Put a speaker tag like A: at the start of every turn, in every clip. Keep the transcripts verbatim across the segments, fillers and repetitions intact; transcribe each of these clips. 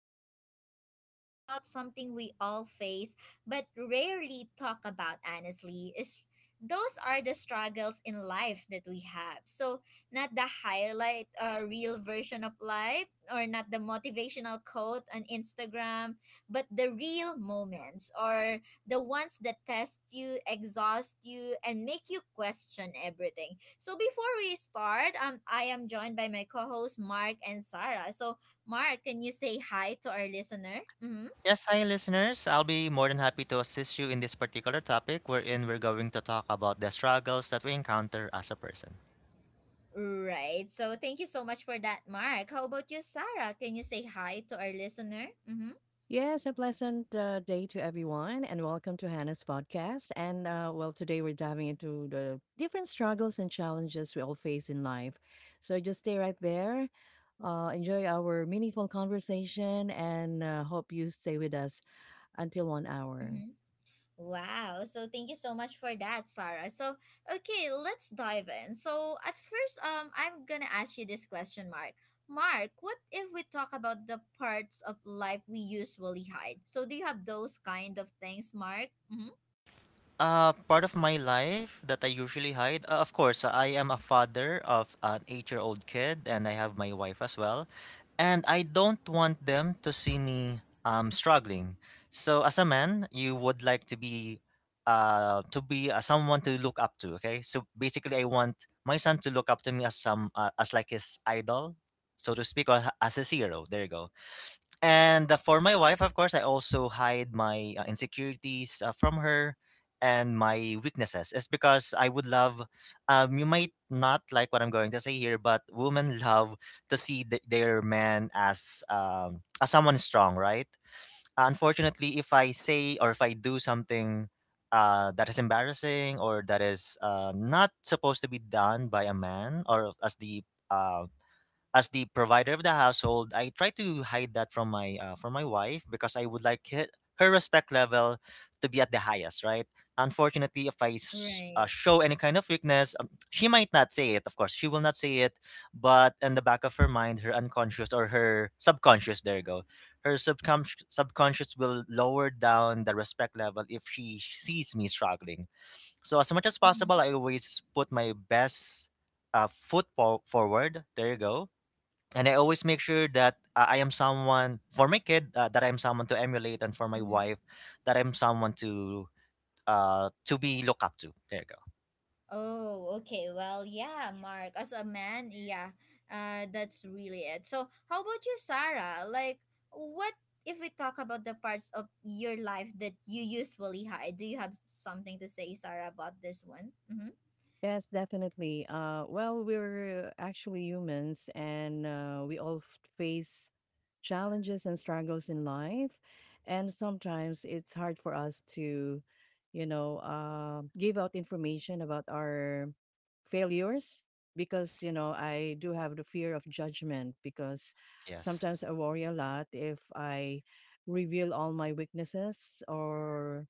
A: And today we're talking about something we all face but rarely talk about, honestly. Is those are the struggles in life that we have. So, not the highlight uh, real version of life or not the motivational quote on Instagram, but the real moments or the ones that test you, exhaust you, and make you question everything. So before we start, um, I am joined by my co-hosts Mark and Sarah. So Mark, can you say hi to our listener? Mm-hmm.
B: Yes, hi listeners. I'll be more than happy to assist you in this particular topic wherein we're going to talk about the struggles that we encounter as a person.
A: Right. So thank you so much for that, Mark. How about you, Sarah? Can you say hi to our listener? Mm-hmm.
C: Yes, a pleasant uh, day to everyone, and welcome to Hannah's podcast. And uh, well, today we're diving into the different struggles and challenges we all face in life. So just stay right there, uh, enjoy our meaningful conversation, and uh, hope you stay with us until one hour.
A: Mm-hmm. Wow. So thank you so much for that, Sarah. So okay, let's dive in. So at first, um, I'm gonna ask you this question, Mark. Mark, what if we talk about the parts of life we usually hide? So do you have those kind of things, Mark? Mm-hmm.
B: Uh, part of my life that I usually hide, uh, of course, uh, I am a father of an eight year old kid, and I have my wife as well. And I don't want them to see me um, struggling. So, as a man, you would like to be. Uh, to be uh, someone to look up to. Okay, so basically I want my son to look up to me as some uh, as like his idol, so to speak, or h- as his hero. There you go. And uh, for my wife, of course, I also hide my uh, insecurities uh, from her and my weaknesses. It's because I would love, um, you might not like what I'm going to say here, but women love to see th- their man as, um, as someone strong, right? Unfortunately, if I say or if I do something uh, that is embarrassing or that is uh, not supposed to be done by a man or as the uh, as the provider of the household, I try to hide that from my uh, from my wife because I would like her, her respect level to be at the highest, right? Unfortunately, if I s- uh,
A: Right.
B: show any kind of weakness, um, she might not say it. Of course, she will not say it, but in the back of her mind, her unconscious or her subconscious, there you go, her subconscious subconscious will lower down the respect level if she sees me struggling. So as much as
A: Hmm.
B: possible, I always put my best uh, foot po- forward. There you go. And I always make sure that uh, I am someone for my kid, uh, that I'm someone to emulate, and for my
A: Hmm.
B: wife that I'm someone to uh to be look up to. There you go.
A: Oh, okay. Well, yeah, Mark. As a man, yeah, uh, that's really it. So, how about you, Sarah? Like, what if we talk about the parts of your life that you usually hide? Do you have something to say, Sarah, about this one? Mm-hmm.
C: Yes, definitely. Uh, well, we're actually humans and uh, we all f- face challenges and struggles in life. And sometimes it's hard for us to, you know, uh, give out information about our failures because, you know, I do have the fear of judgment because
B: Yes.
C: sometimes I worry a lot if I reveal all my weaknesses or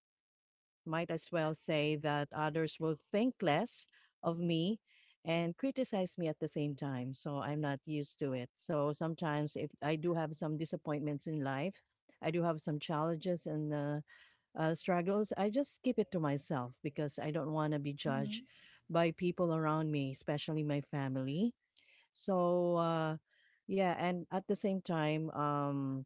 C: might as well say that others will think less of me and criticize me at the same time. So I'm not used to it. So sometimes, if I do have some disappointments in life, I do have some challenges and uh, uh, struggles, I just keep it to myself because I don't want to be
A: Mm-hmm.
C: judged by people around me, especially my family. So, uh, yeah, and at the same time, um,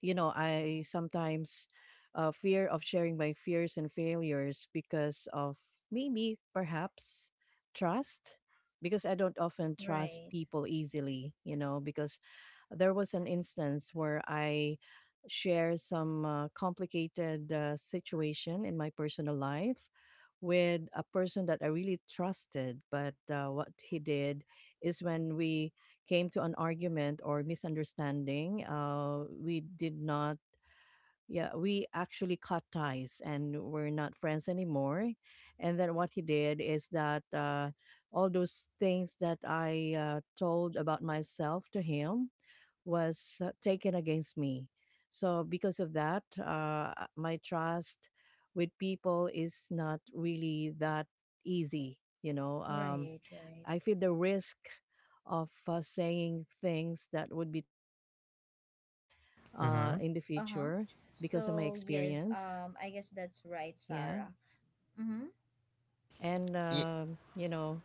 C: you know, I sometimes uh, fear of sharing my fears and failures because of maybe perhaps trust, because I don't often trust
A: Right.
C: people easily, you know, because there was an instance where I share some uh, complicated uh, situation in my personal life with a person that I really trusted. But uh, what he did is when we came to an argument or misunderstanding, uh, we did not. Yeah, we actually cut ties and we're not friends anymore. And then what he did is that uh, all those things that I uh, told about myself to him was uh, taken against me. So because of that, uh, my trust with people is not really that easy. You know, um,
A: Right. Right.
C: I feel the risk of uh, saying things that would be taken against me uh,
B: Mm-hmm.
C: in the
A: Uh huh.
C: future because of my
A: So yes,
C: experience.
A: um, I guess that's right,
C: Yeah.
A: Sarah. Mm-hmm.
C: And,
B: Yeah.
C: um, you know,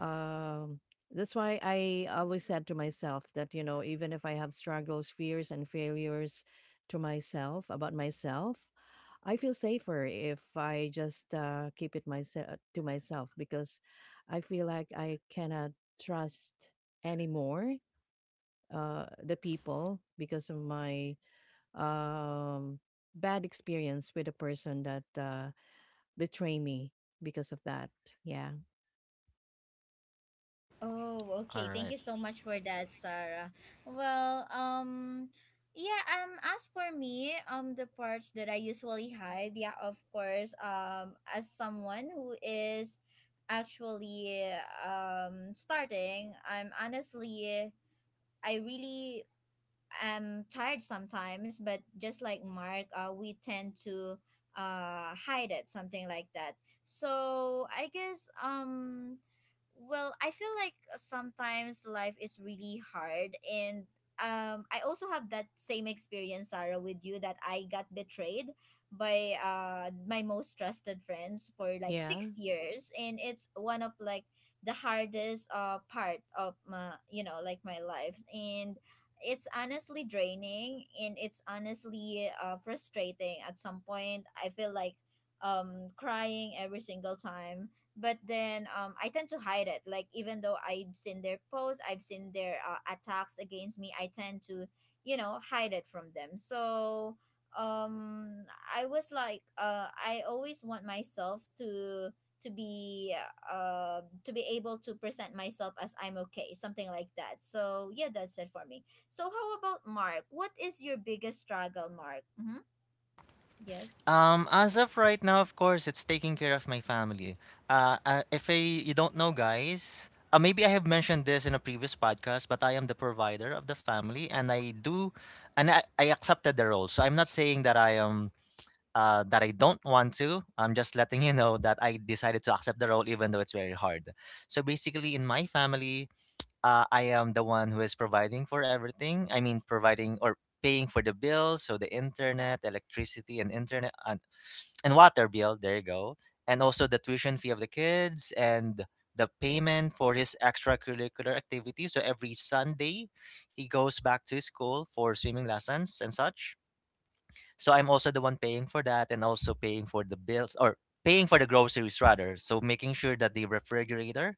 C: um, that's why I always said to myself that, you know, even if I have struggles, fears, and failures to myself about myself, I feel safer if I just uh, keep it myself to myself because I feel like I cannot trust anymore uh, the people because of my um, bad experience with a person that uh, betrayed me because of that. Yeah.
A: Oh,
B: All
A: okay. Thank
B: right.
A: you so much for that, Sarah. Well, um yeah, um as for me, um the parts that I usually hide, yeah, of course, um as someone who is actually um starting, I'm honestly I really i am tired sometimes, but just like Mark, uh, we tend to uh, hide it, something like that. So I guess um, well, I feel like sometimes life is really hard and um I also have that same experience Sarah with you that I got betrayed by uh my most trusted friends for like
C: Yeah.
A: six years and it's one of like the hardest uh part of my you know like my life and it's honestly draining and it's honestly uh, frustrating at some point i feel like um crying every single time but then um i tend to hide it like even though I've seen their posts, I've seen their uh, attacks against me. I tend to you know hide it from them. So um i was like uh i always want myself to to be uh to be able to present myself as I'm okay, something like that. So yeah, that's it for me. So how about Mark? What is your biggest struggle, Mark? Mm-hmm. Yes.
B: Um, as of right now, of course, it's taking care of my family. Uh, uh if I, you don't know, guys, uh, maybe I have mentioned this in a previous podcast, but I am the provider of the family, and I do, and I, I accepted the role. So I'm not saying that I am uh, that I don't want to. I'm just letting you know that I decided to accept the role even though it's very hard. So basically, in my family, uh, I am the one who is providing for everything. I mean, providing or paying for the bills, so the internet, electricity, and internet and, and water bill. There you go, and also the tuition fee of the kids and the payment for his extracurricular activity. So every Sunday, he goes back to his school for swimming lessons and such, so I'm also the one paying for that, and also paying for the bills, or paying for the groceries rather. So making sure that the refrigerator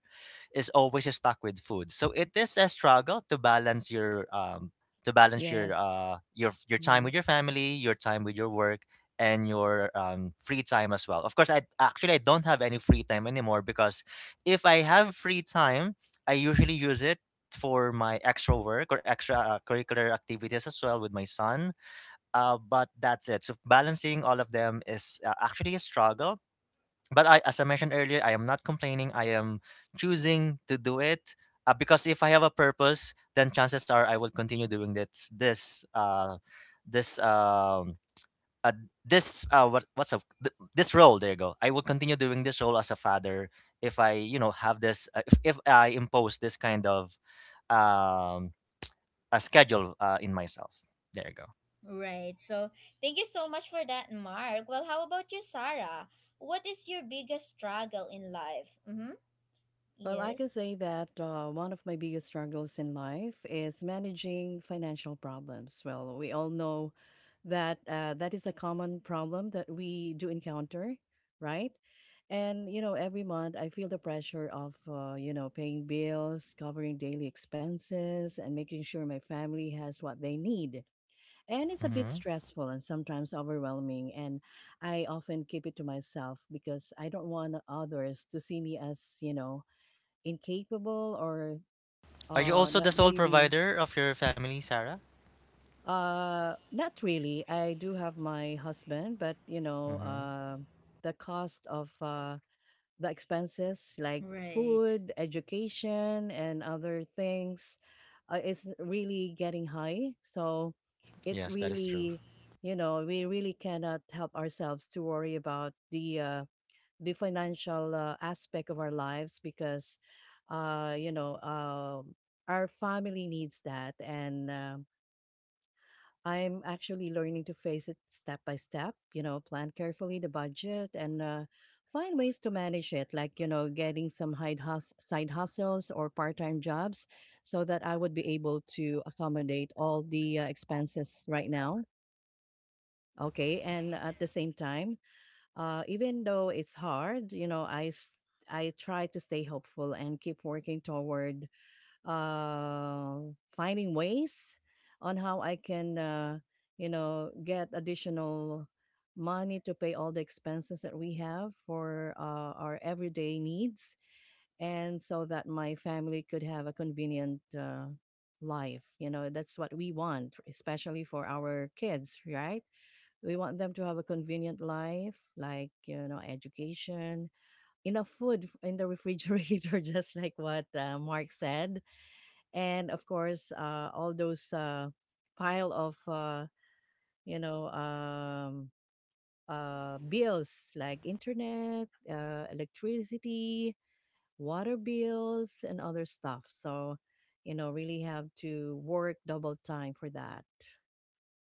B: is always stocked with food. So it is a struggle to balance your um to balance your
C: Yes.
B: uh your your time
C: Mm-hmm.
B: with your family, your time with your work, and your um, free time as well. Of course, I actually I don't have any free time anymore because if I have free time, I usually use it for my extra work or extra uh, curricular activities as well with my son, uh, but that's it. So balancing all of them is uh, actually a struggle. But I, as I mentioned earlier, I am not complaining. I am choosing to do it uh, because if I have a purpose, then chances are I will continue doing this. This. Uh, this. Um, uh, this. Uh, what? What's up? Th- this role. There you go. I will continue doing this role as a father if I, you know, have this. Uh, if, if I impose this kind of um a schedule uh, in myself. There you go.
A: Right. So thank you so much for that, Mark. Well, how about you, Sarah? What is your biggest struggle in life? Mm-hmm.
C: Well, I can
A: Yes.
C: say that uh, one of my biggest struggles in life is managing financial problems. Well, we all know that uh, that is a common problem that we do encounter, right? And, you know, every month I feel the pressure of, uh, you know, paying bills, covering daily expenses, and making sure my family has what they need. And it's a bit
B: Hmm
C: stressful and sometimes overwhelming. And I often keep it to myself because I don't want others to see me as, you know, incapable or
B: Are you
C: uh
B: also
C: not
B: the sole
C: really
B: provider of your family, Sarah?
C: uh not really. I do have my husband, but you know
B: Hmm
C: uh the cost of uh the expenses like
A: Right.
C: food, education, and other things uh, is really getting high, so it
B: Yes, that is true.
C: really, you know, we really cannot help ourselves to worry about the uh the financial uh, aspect of our lives because uh, you know uh, our family needs that, and um, I'm actually learning to face it step by step, you know, plan carefully the budget and uh, find ways to manage it, like you know, getting some hide hus- side hustles or part-time jobs so that I would be able to accommodate all the uh, expenses right now. Okay, and at the same time, uh, even though it's hard, you know, I s- I try to stay hopeful and keep working toward uh, finding ways on how I can, uh, you know, get additional money to pay all the expenses that we have for uh, our everyday needs, and so that my family could have a convenient. Uh, life, you know, that's what we want, especially for our kids, right? We want them to have a convenient life, like you know, education, enough food f- in the refrigerator, just like what uh, Mark said, and of course, uh, all those uh, pile of uh, you know um, uh, bills like internet, uh, electricity, water bills, and other stuff. So, you know, really have to work double time for that.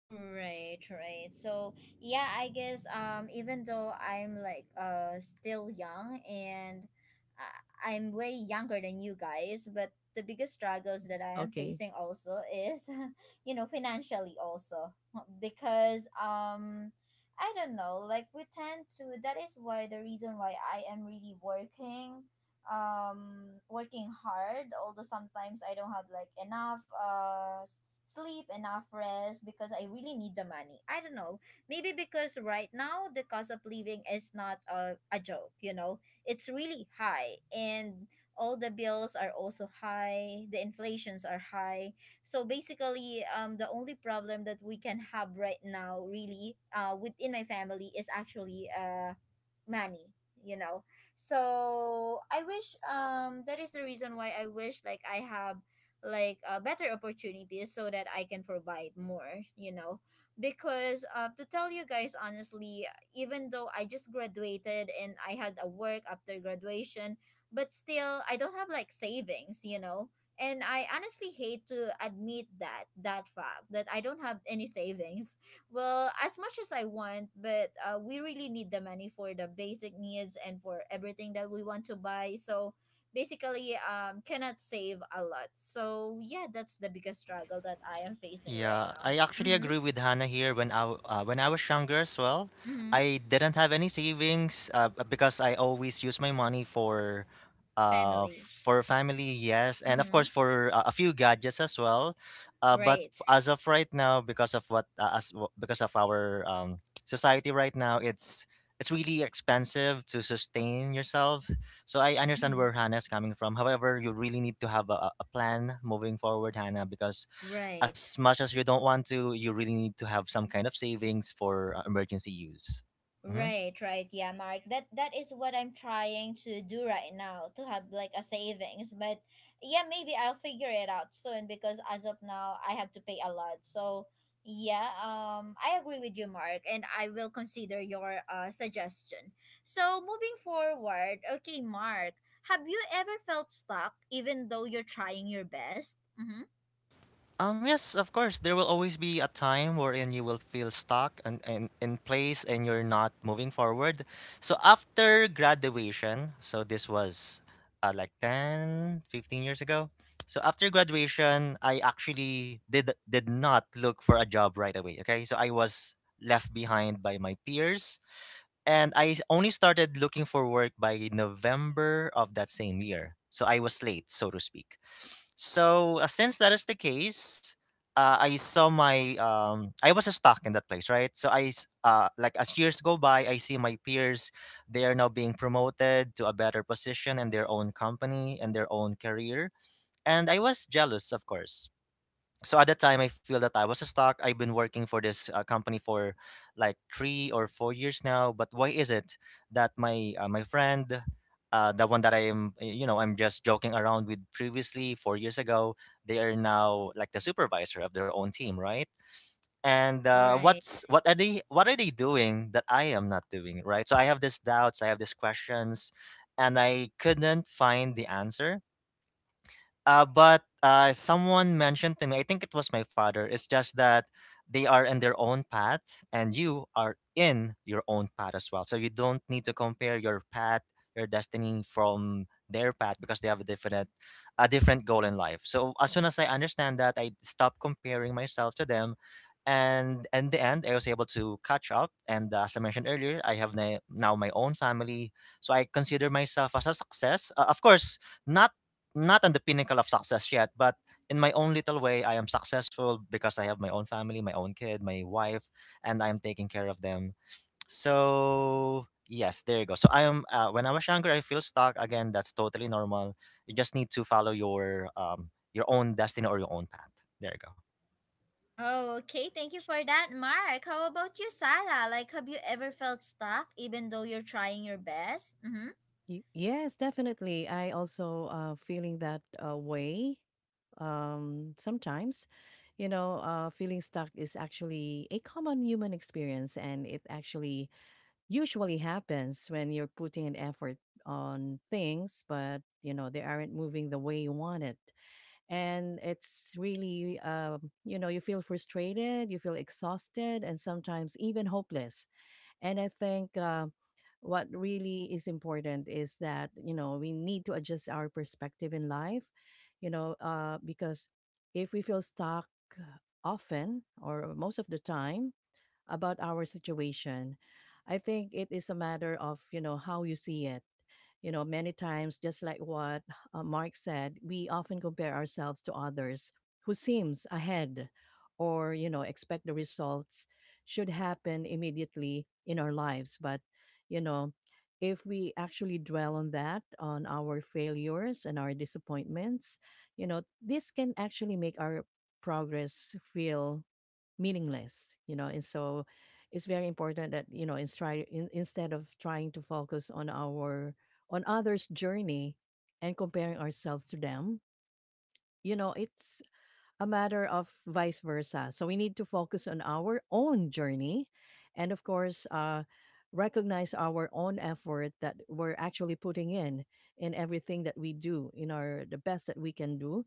A: Right, right. So yeah, I guess um even though I'm like uh still young and I- I'm way younger than you guys, but the biggest struggles that I am
C: Okay.
A: facing also is you know financially also because um I don't know, like we tend to that is why the reason why I am really working um working hard although sometimes I don't have like enough uh sleep, enough rest because I really need the money. I don't know. Maybe because right now the cost of living is not a, a joke, you know. It's really high and all the bills are also high, the inflations are high. So basically, um the only problem that we can have right now really uh within my family is actually uh money, you know. So I wish um that is the reason why I wish like I have like uh, better opportunities so that I can provide more, you know, because uh, to tell you guys honestly, even though I just graduated and I had a work after graduation, but still I don't have like savings, you know. And I honestly hate to admit that that fact that I don't have any savings. Well, as much as I want, but uh, we really need the money for the basic needs and for everything that we want to buy. So basically, um, cannot save a lot. So yeah, that's the biggest struggle that I am facing right
B: Yeah, I
A: now.
B: actually
A: Mm-hmm.
B: agree with Hannah here. When I w- uh, when I was younger as well,
A: Mm-hmm.
B: I didn't have any savings uh, b- because I always use my money for uh
A: Family.
B: for family, yes, and of course
A: Mm-hmm.
B: for uh, a few gadgets as well. Uh, but f-
A: Right.
B: as of right now, because of what uh, as w- because of our um society right now, it's it's really expensive to sustain yourself. So I understand
A: Mm-hmm.
B: where Hannah's coming from. However, you really need to have a, a a plan moving forward, Hannah, because
A: Right.
B: as much as you don't want to, you really need to have some kind of savings for uh, emergency use. Hmm
A: Right, right, yeah, Mark. That that is what I'm trying to do right now, to have like a savings. But yeah, maybe I'll figure it out soon because as of now I have to pay a lot. So yeah, um I agree with you, Mark, and I will consider your uh suggestion. So moving forward, okay, Mark, have you ever felt stuck even though you're trying your best? Mm-hmm.
B: Um, yes, of course, there will always be a time wherein you will feel stuck and, and in place and you're not moving forward. So after graduation, so this was uh, like ten, fifteen years ago. So after graduation, I actually did did not look for a job right away. Okay, so I was left behind by my peers. And I s- only started looking for work by November of that same year. So I was late, so to speak. So uh, since that is the case, uh, I saw my um, I was stuck in that place, right? So I s- uh, like as years go by, I see my peers. They are now being promoted to a better position in their own company and their own career, and I was jealous, of course. So at the time I feel that I was stuck. I've been working for this uh, company for like three or four years now, but why is it that my uh, my friend, uh, the one that I am uh, you know, I'm just joking around with previously four years ago, they are now like the supervisor of their own team, right? And uh,
A: Right.
B: what's what are they what are they doing that I am not doing, right? So I have these doubts, I have these questions, and I couldn't find the answer. Uh, but uh, Someone mentioned to me, I think it was my father, it's just that they are in their own path and you are in your own path as well. So you don't need to compare your path, your destiny from their path because they have a different a different goal in life. So as soon as I understand that, I stop comparing myself to them, and in the end I was able to catch up. And uh, as I mentioned earlier, I have na- now my own family, so I consider myself as a success, uh, of course, not not on the pinnacle of success yet, but in my own little way, I am successful because I have my own family, my own kid, my wife, and I'm taking care of them. So, yes, there you go. So, I am, uh, when I was younger, I feel stuck. Again, that's totally normal. You just need to follow your, um, your own destiny or your own path. There you go.
A: Oh, okay. Thank you for that, Mark. How about you, Sarah? Like, have you ever felt stuck even though you're trying your best? Mm hmm.
C: Y- yes, definitely. I also uh feeling that uh, way. Um, sometimes, you know, uh, feeling stuck is actually a common human experience, and it actually usually happens when you're putting an effort on things, but you know they aren't moving the way you want it, and it's really, um, you know, you feel frustrated, you feel exhausted, and sometimes even hopeless. And I think um, what really is important is that, you know, we need to adjust our perspective in life, you know, uh, because if we feel stuck often or most of the time about our situation, I think it is a matter of, you know, how you see it. You know, many times, just like what uh, Mark said, we often compare ourselves to others who seems ahead or, you know, expect the results should happen immediately in our lives. But, you know, if we actually dwell on that, on our failures and our disappointments, you know, this can actually make our progress feel meaningless, you know, and so it's very important that you know in stri- in, instead of trying to focus on our on others journey and comparing ourselves to them, you know, it's a matter of vice versa. So we need to focus on our own journey and, of course, uh, recognize our own effort that we're actually putting in in everything that we do in our the best that we can do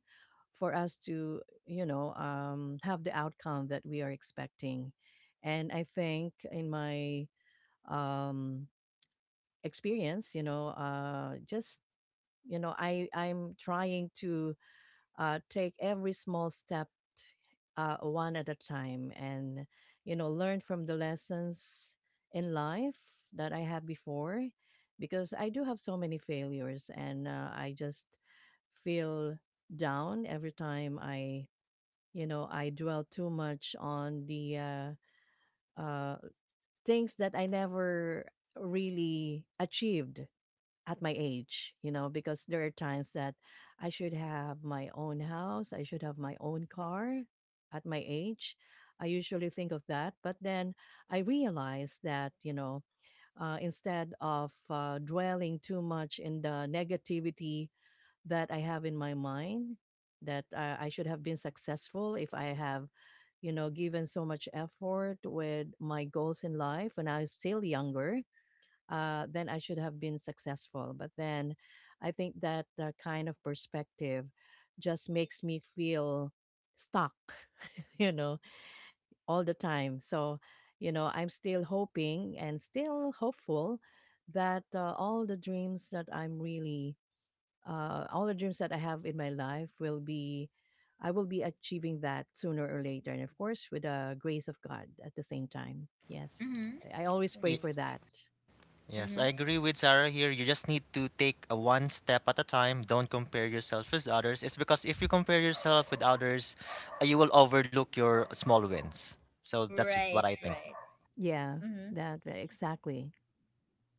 C: for us to, you know, um, have the outcome that we are expecting. And I think in my um, experience, you know uh, just you know i i'm trying to uh, take every small step uh, one at a time and, you know, learn from the lessons in life that I have before because I do have so many failures and uh, I just feel down every time I, you know, I dwell too much on the uh, uh, things that I never really achieved at my age, you know, because there are times that I should have my own house, I should have my own car at my age. I usually think of that, but then I realize that, you know, uh, instead of uh, dwelling too much in the negativity that I have in my mind, that uh, I should have been successful if I have, you know, given so much effort with my goals in life when I was still younger, uh, then I should have been successful. But then I think that uh, kind of perspective just makes me feel stuck, you know, all the time. So, you know, I'm still hoping and still hopeful that uh, all the dreams that I'm really, uh, all the dreams that I have in my life will be. I will be achieving that sooner or later. And of course, with the grace of God at the same time. Yes.
A: Mm hmm.
C: I I always pray for that.
B: Yes, I
A: Mm
B: agree with Sarah here. You just need to take a one step at a time. Don't compare yourself with others. It's because if you compare yourself with others, uh, you will overlook your small wins. So
A: hmm.
B: that's what
A: Right,
B: I think.
A: right.
C: Yeah,
A: Mm hmm.
C: that ve exactly.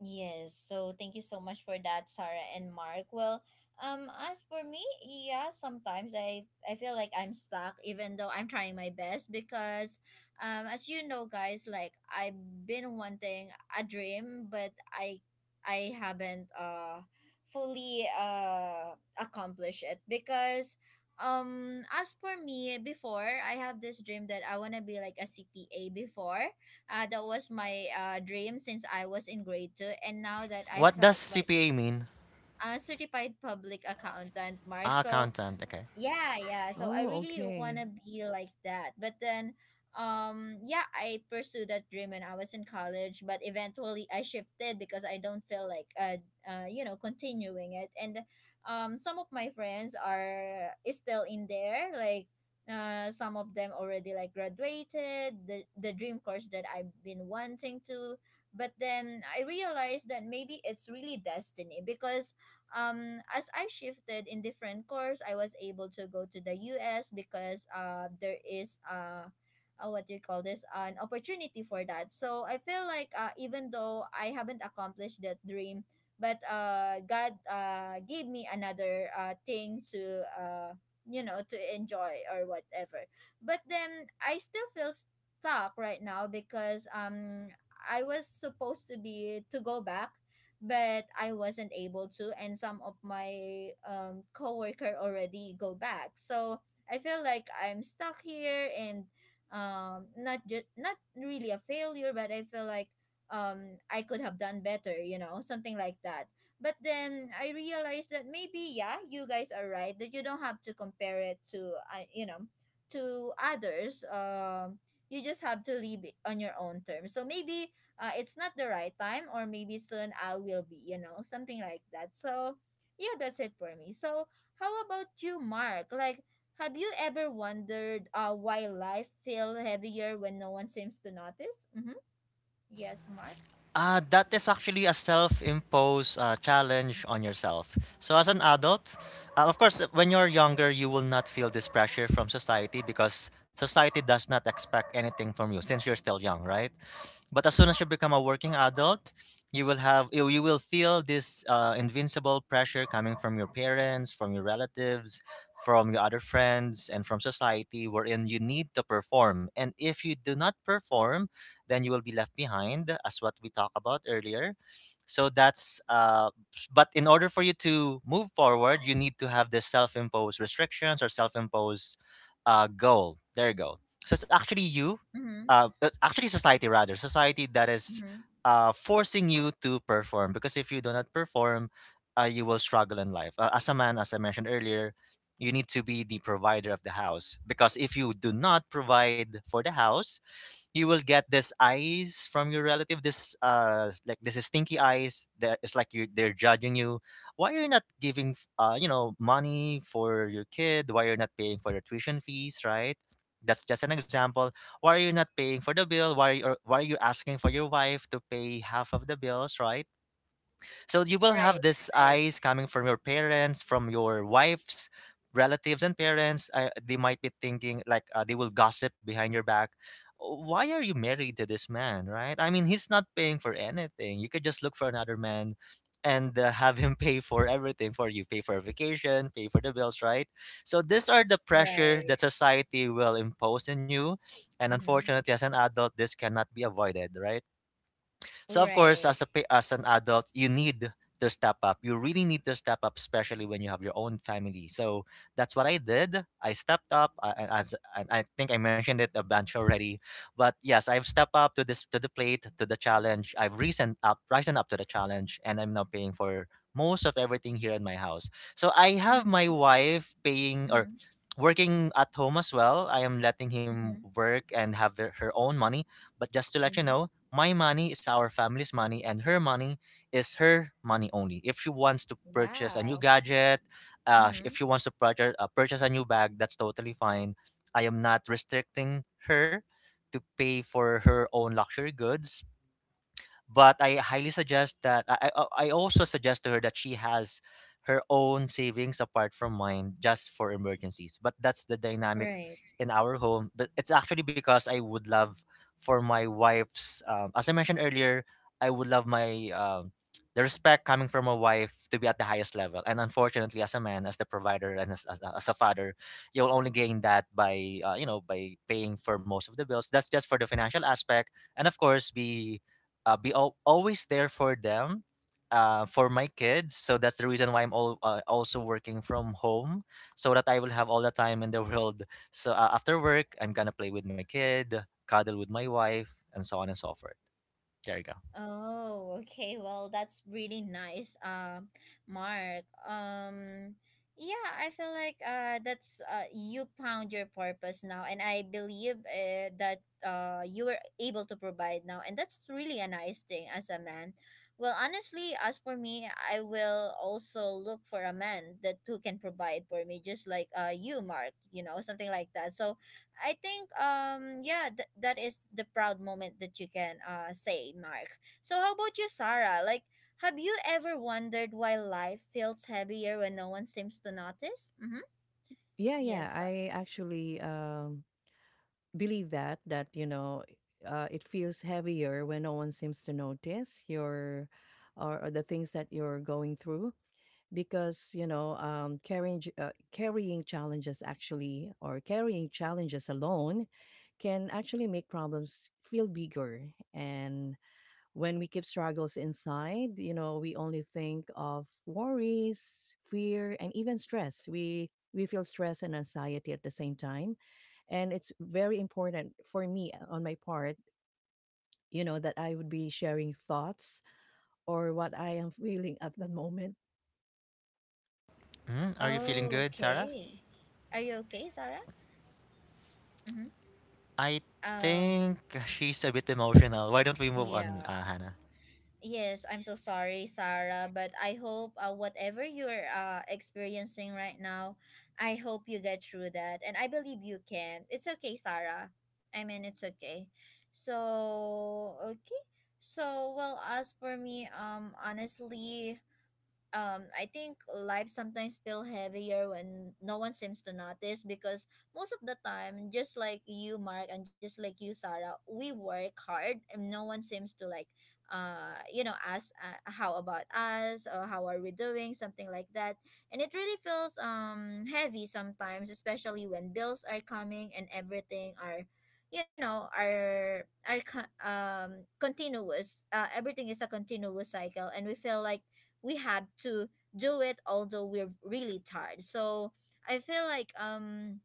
A: Yes, so thank you so much for that, Sarah and Mark. Well, um, as for me, yeah, sometimes I I feel like I'm stuck, even though I'm trying my best because, um, as you know, guys, like I've been wanting a dream, but I I haven't uh fully uh accomplished it because. Um, as for me, before I have this dream that I wanna be like a C P A before, uh, that was my uh, dream since I was in grade two, and now that I
B: What does
A: felt like
B: C P A mean?
A: a certified public accountant, Mark.
B: Ah,
A: So
B: accountant. Okay.
A: yeah, yeah. So I
C: Oh,
A: really want
C: okay.
A: to be like that. But then, um, yeah, I pursued that dream when I was in college, but eventually I shifted because I don't feel like, uh, uh, you know, continuing it. And um, some of my friends are is still in there. Like, uh, some of them already like graduated the the dream course that I've been wanting to. But then I realized that maybe it's really destiny because um as I shifted in different course, I was able to go to the U S because uh there is uh uh, what do you call this, an opportunity for that. So I feel like uh, even though I haven't accomplished that dream, but uh god uh gave me another uh thing to uh you know to enjoy or whatever. But then I still feel stuck right now because um i was supposed to be to go back, but I wasn't able to, and some of my um coworker already go back. So I feel like I'm stuck here and um not just not really a failure, but I feel like um I could have done better, you know, something like that. But then I realized that maybe yeah, you guys are right that you don't have to compare it to uh, you know to others. Um, you just have to live it on your own terms. So maybe uh, it's not the right time, or maybe soon I will be, you know, something like that. So yeah, that's it for me. So, how about you, Mark? Like, have you ever wondered uh, why life feel heavier when no one seems to notice? Mm-hmm. Yes, Mark.
B: Uh, that is actually a self-imposed uh, challenge on yourself. So as an adult, uh, of course, when you're younger, you will not feel this pressure from society because society does not expect anything from you since you're still young, right? But as soon as you become a working adult, you will have you, you will feel this uh, invincible pressure coming from your parents, from your relatives, from your other friends, and from society, wherein you need to perform. And if you do not perform, then you will be left behind, as what we talked about earlier. So that's uh, s- but in order for you to move forward, you need to have the self-imposed restrictions or self-imposed uh, goal. There you go. So it's actually you
A: Mm-hmm.
B: uh, it's actually society rather society that is
A: Mm-hmm.
B: uh, forcing you to perform, because if you do not perform, uh, you will struggle in life uh, as a man. As I mentioned earlier, you need to be the provider of the house, because if you do not provide for the house, you will get this eyes from your relative. This uh s- like, this is stinky eyes there. It's like, you, they're judging you. Why you're not giving f- uh you know money for your kid? Why you're not paying for their tuition fees, right? That's just an example. Why are you not paying for the bill? Why are you, or why are you asking for your wife to pay half of the bills, right? So you will
A: Right,
B: have these
A: right,
B: eyes coming from your parents, from your wife's relatives and parents. Uh, they might be thinking like, uh, they will gossip behind your back. Why are you married to this man, right? I mean, he's not paying for anything. You could just look for another man and uh, have him pay for everything for you, pay for vacation, pay for the bills, right? So these are the pressure
A: right.
B: that society will impose on you. And
A: Mm-hmm.
B: unfortunately, as an adult, this cannot be avoided, right? So of course,
A: Right.
B: as a pa- as an adult, you need to step up. You really need to step up, especially when you have your own family. So that's what I did. I stepped up, uh, and as and I think I mentioned it a bunch already. But yes, I've stepped up to this, to the plate, to the challenge. I've risen up, risen up to the challenge, and I'm now paying for most of everything here in my house. So I have my
A: Mm-hmm.
B: wife paying, or
A: Mm-hmm.
B: working at home as well. I am letting him
A: Mm-hmm.
B: work and have their, her own money. But just to let you
A: Mm-hmm.
B: know, my money is our family's money, and her money is her money only. If she wants to purchase a new
A: Wow.
B: gadget, uh, sh- if
A: Mm-hmm.
B: she wants to purchase, uh, purchase a new bag, that's totally fine. I am not restricting her to pay for her own luxury goods, but I highly suggest that I, I uh, I also suggest to her that she has her own savings apart from mine, just for emergencies. But that's the dynamic
A: Right.
B: in our home. But it's actually because I would love for my wife's um, as I mentioned earlier, I would love my um, the respect coming from a wife to be at the highest level. And unfortunately, as a man, as the provider, and as, as, a- as a father, you'll only gain that by uh, you know by paying for most of the bills. That's just for the financial aspect, and of course, be uh, be al- always there for them, uh, for my kids. So that's the reason why I'm all, uh, also working from home, so that I will have all the time in the world. So uh, after work, I'm gonna play with my kid, cuddle with my wife, and so on and so forth. There you go.
A: Oh, okay. Well, that's really nice, uh, Mark. Um, yeah, I feel like uh, that's uh, you found your purpose now, and I believe uh, that uh, you were able to provide now, and that's really a nice thing as a man. Well, honestly, as for me, I will also look for a man that who can provide for me, just like uh, you, Mark. You know, something like that. So I think um yeah th- that is the proud moment that you can uh say, Mark. So how about you, Sarah? Like, have you ever wondered why life feels heavier when no one seems to notice? Mm-hmm.
C: Yeah, yeah,
A: Yes. Sa-
C: I actually, um, believe that that, you know, uh, it feels heavier when no one seems to notice your or or the things that you're going through because, you know, um, carrying ch uh, carrying challenges actually or carrying challenges alone can actually make problems feel bigger, and when we keep struggles inside, you know, we only think of worries, fear, and even stress. We we feel stress and anxiety at the same time, and it's very important for me uh, on my part, you know, that I would be sharing thoughts or what I am feeling at the moment.
B: Mhm. Are you feeling
A: Oh,
B: good, Sarah?
A: okay. Are you okay, Sarah? Mm-hmm.
B: I
A: Um.
B: think she's a bit emotional. Why don't we move on,
A: Yeah.
B: uh, Hannah?
A: Yes, I'm so sorry, Sarah, but I hope uh, whatever you're uh, experiencing right now, I hope you get through that, and I believe you can. It's okay, Sarah. I mean, it's okay. So, okay. So, well, as for me, um, honestly, um, I think life sometimes feel heavier when no one seems to notice because most of the time, just like you, Mark, and just like you, Sarah, we work hard and no one seems to like, uh, you know, ask uh, how about us or how are we doing, something like that. And it really feels um heavy sometimes, especially when bills are coming and everything are. You know, are are co- um continuous. Uh, everything is a continuous cycle, and we feel like we have to do it although we're really tired. So i feel like um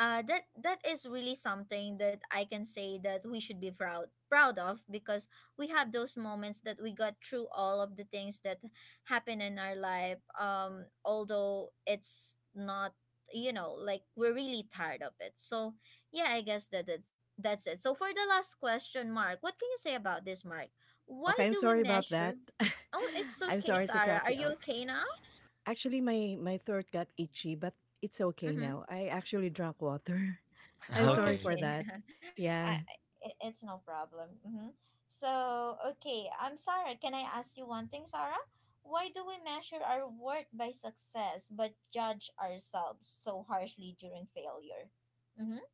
A: uh, that that is really something that I can say that we should be proud proud of because we have those moments that we got through all of the things that happen in our life. Um, although it's not you know like we're really tired of it. So yeah, I guess that that's, that's it. So for the last question, Mark, what can you say about this, Mark? Why
C: Okay, I'm
A: do we
C: sorry about that.
A: measure? Oh, it's
C: I'm
A: okay,
C: sorry to
A: Sarah.
C: cut
A: Are
C: you
A: you
C: off.
A: okay now?
C: Actually, my my throat got itchy, but it's okay
A: Mm-hmm.
C: now. I actually drank water. I'm
A: Oh,
C: sorry
B: Okay.
C: for
A: okay.
C: that.
A: I,
C: Yeah.
A: it, it's no problem. Mm-hmm. So, okay, I'm Sarah. Can I ask you one thing, Sarah? Why do we measure our worth by success but judge ourselves so harshly during failure? Mm-hmm.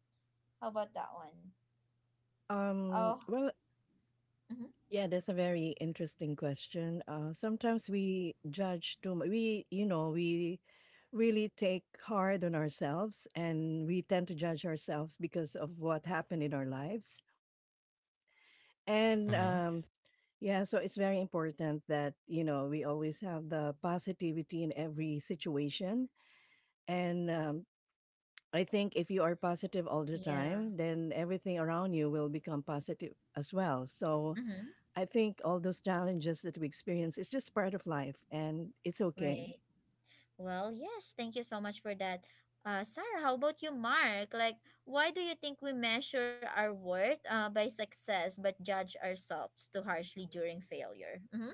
A: How about that one? Oh,
C: Um. Well.
A: mm-hmm.
C: Yeah. That's a very interesting question. Uh. Sometimes we judge too much. We, you know, we really take hard on ourselves, and we tend to judge ourselves because of what happened in our lives. And
B: Mhm.
C: um. Yeah. So it's very important that you know we always have the positivity in every situation and um, I think if you are positive all the
A: Yeah.
C: time, then everything around you will become positive as well. So
A: Mm-hmm.
C: I think all those challenges that we experience is just part of life and it's okay.
A: Right. Well, yes, thank you so much for that. Uh, Sarah, how about you, Mark? Like, why do you think we measure our worth uh, by success but judge ourselves too harshly during failure? Mm-hmm.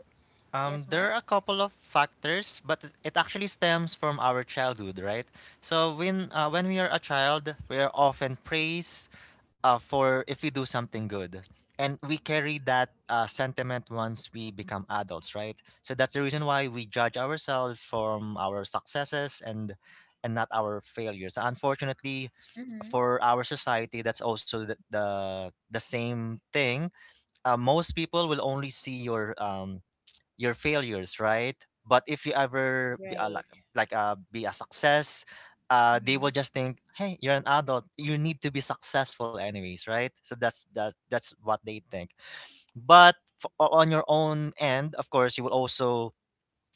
A: Yes,
B: Um,
A: Mark?
B: there are a couple of factors, but it it actually stems from our childhood, right? So when uh, when we are a child, we are often praised uh, for if we do something good, and we carry that uh, sentiment once we become adults, right? So that's the reason why we judge ourselves from our successes and and not our failures. Unfortunately,
A: Mm-hmm.
B: for our society, that's also the the, the same thing. Uh, most people will only see your um, your failures, right? But if you ever be, uh, like
A: Right.
B: like uh, be a success, uh, they
A: Mm-hmm.
B: will just think, hey, you're an adult, you need to be successful anyways, right? So that's that that's what they think. But f- o- on your own end, of course, you will also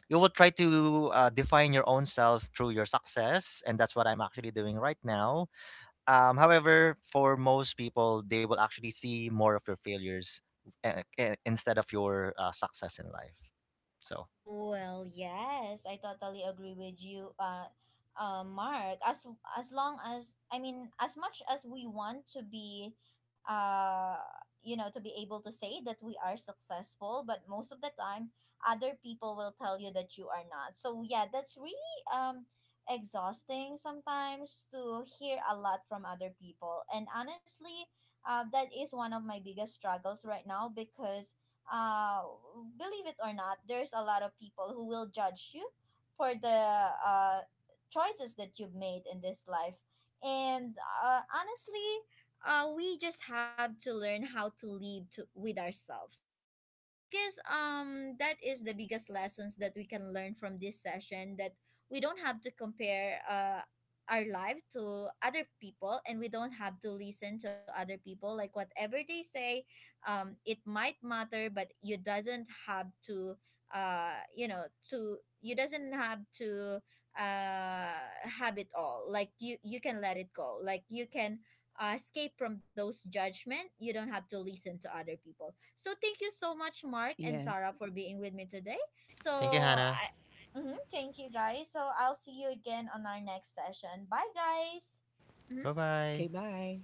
B: you will try to uh, define your own self through your success, and that's what I'm actually doing right now. Um, however, for most people, they will actually see more of your failures uh, uh, instead of your uh, success in life. So.
A: Well, yes, I totally agree with you, uh, uh, Mark. As as long as I mean, as much as we want to be, uh, you know, to be able to say that we are successful, but most of the time, other people will tell you that you are not. So yeah, that's really um exhausting sometimes to hear a lot from other people, and honestly, uh, that is one of my biggest struggles right now because uh, believe it or not, there's a lot of people who will judge you for the uh, choices that you've made in this life. And uh, honestly, uh, we just have to learn how to live to, with ourselves. So I guess um, that is the biggest lessons that we can learn from this session that we don't have to compare uh, our life to other people, and we don't have to listen to other people like whatever they say. um, it might matter, but you doesn't have to uh, you know to you doesn't have to uh, have it all. Like you you can let it go, like you can uh, escape from those judgment. You don't have to listen to other people. So thank you so much, Mark and Sarah,
C: Yes.
A: for being with me today. So
B: Thank you, Hannah.
A: I, mhm, thank you guys. So I'll see you again on our next session. Bye guys.
B: Bye
A: Mhm.
B: bye.
C: Okay, bye.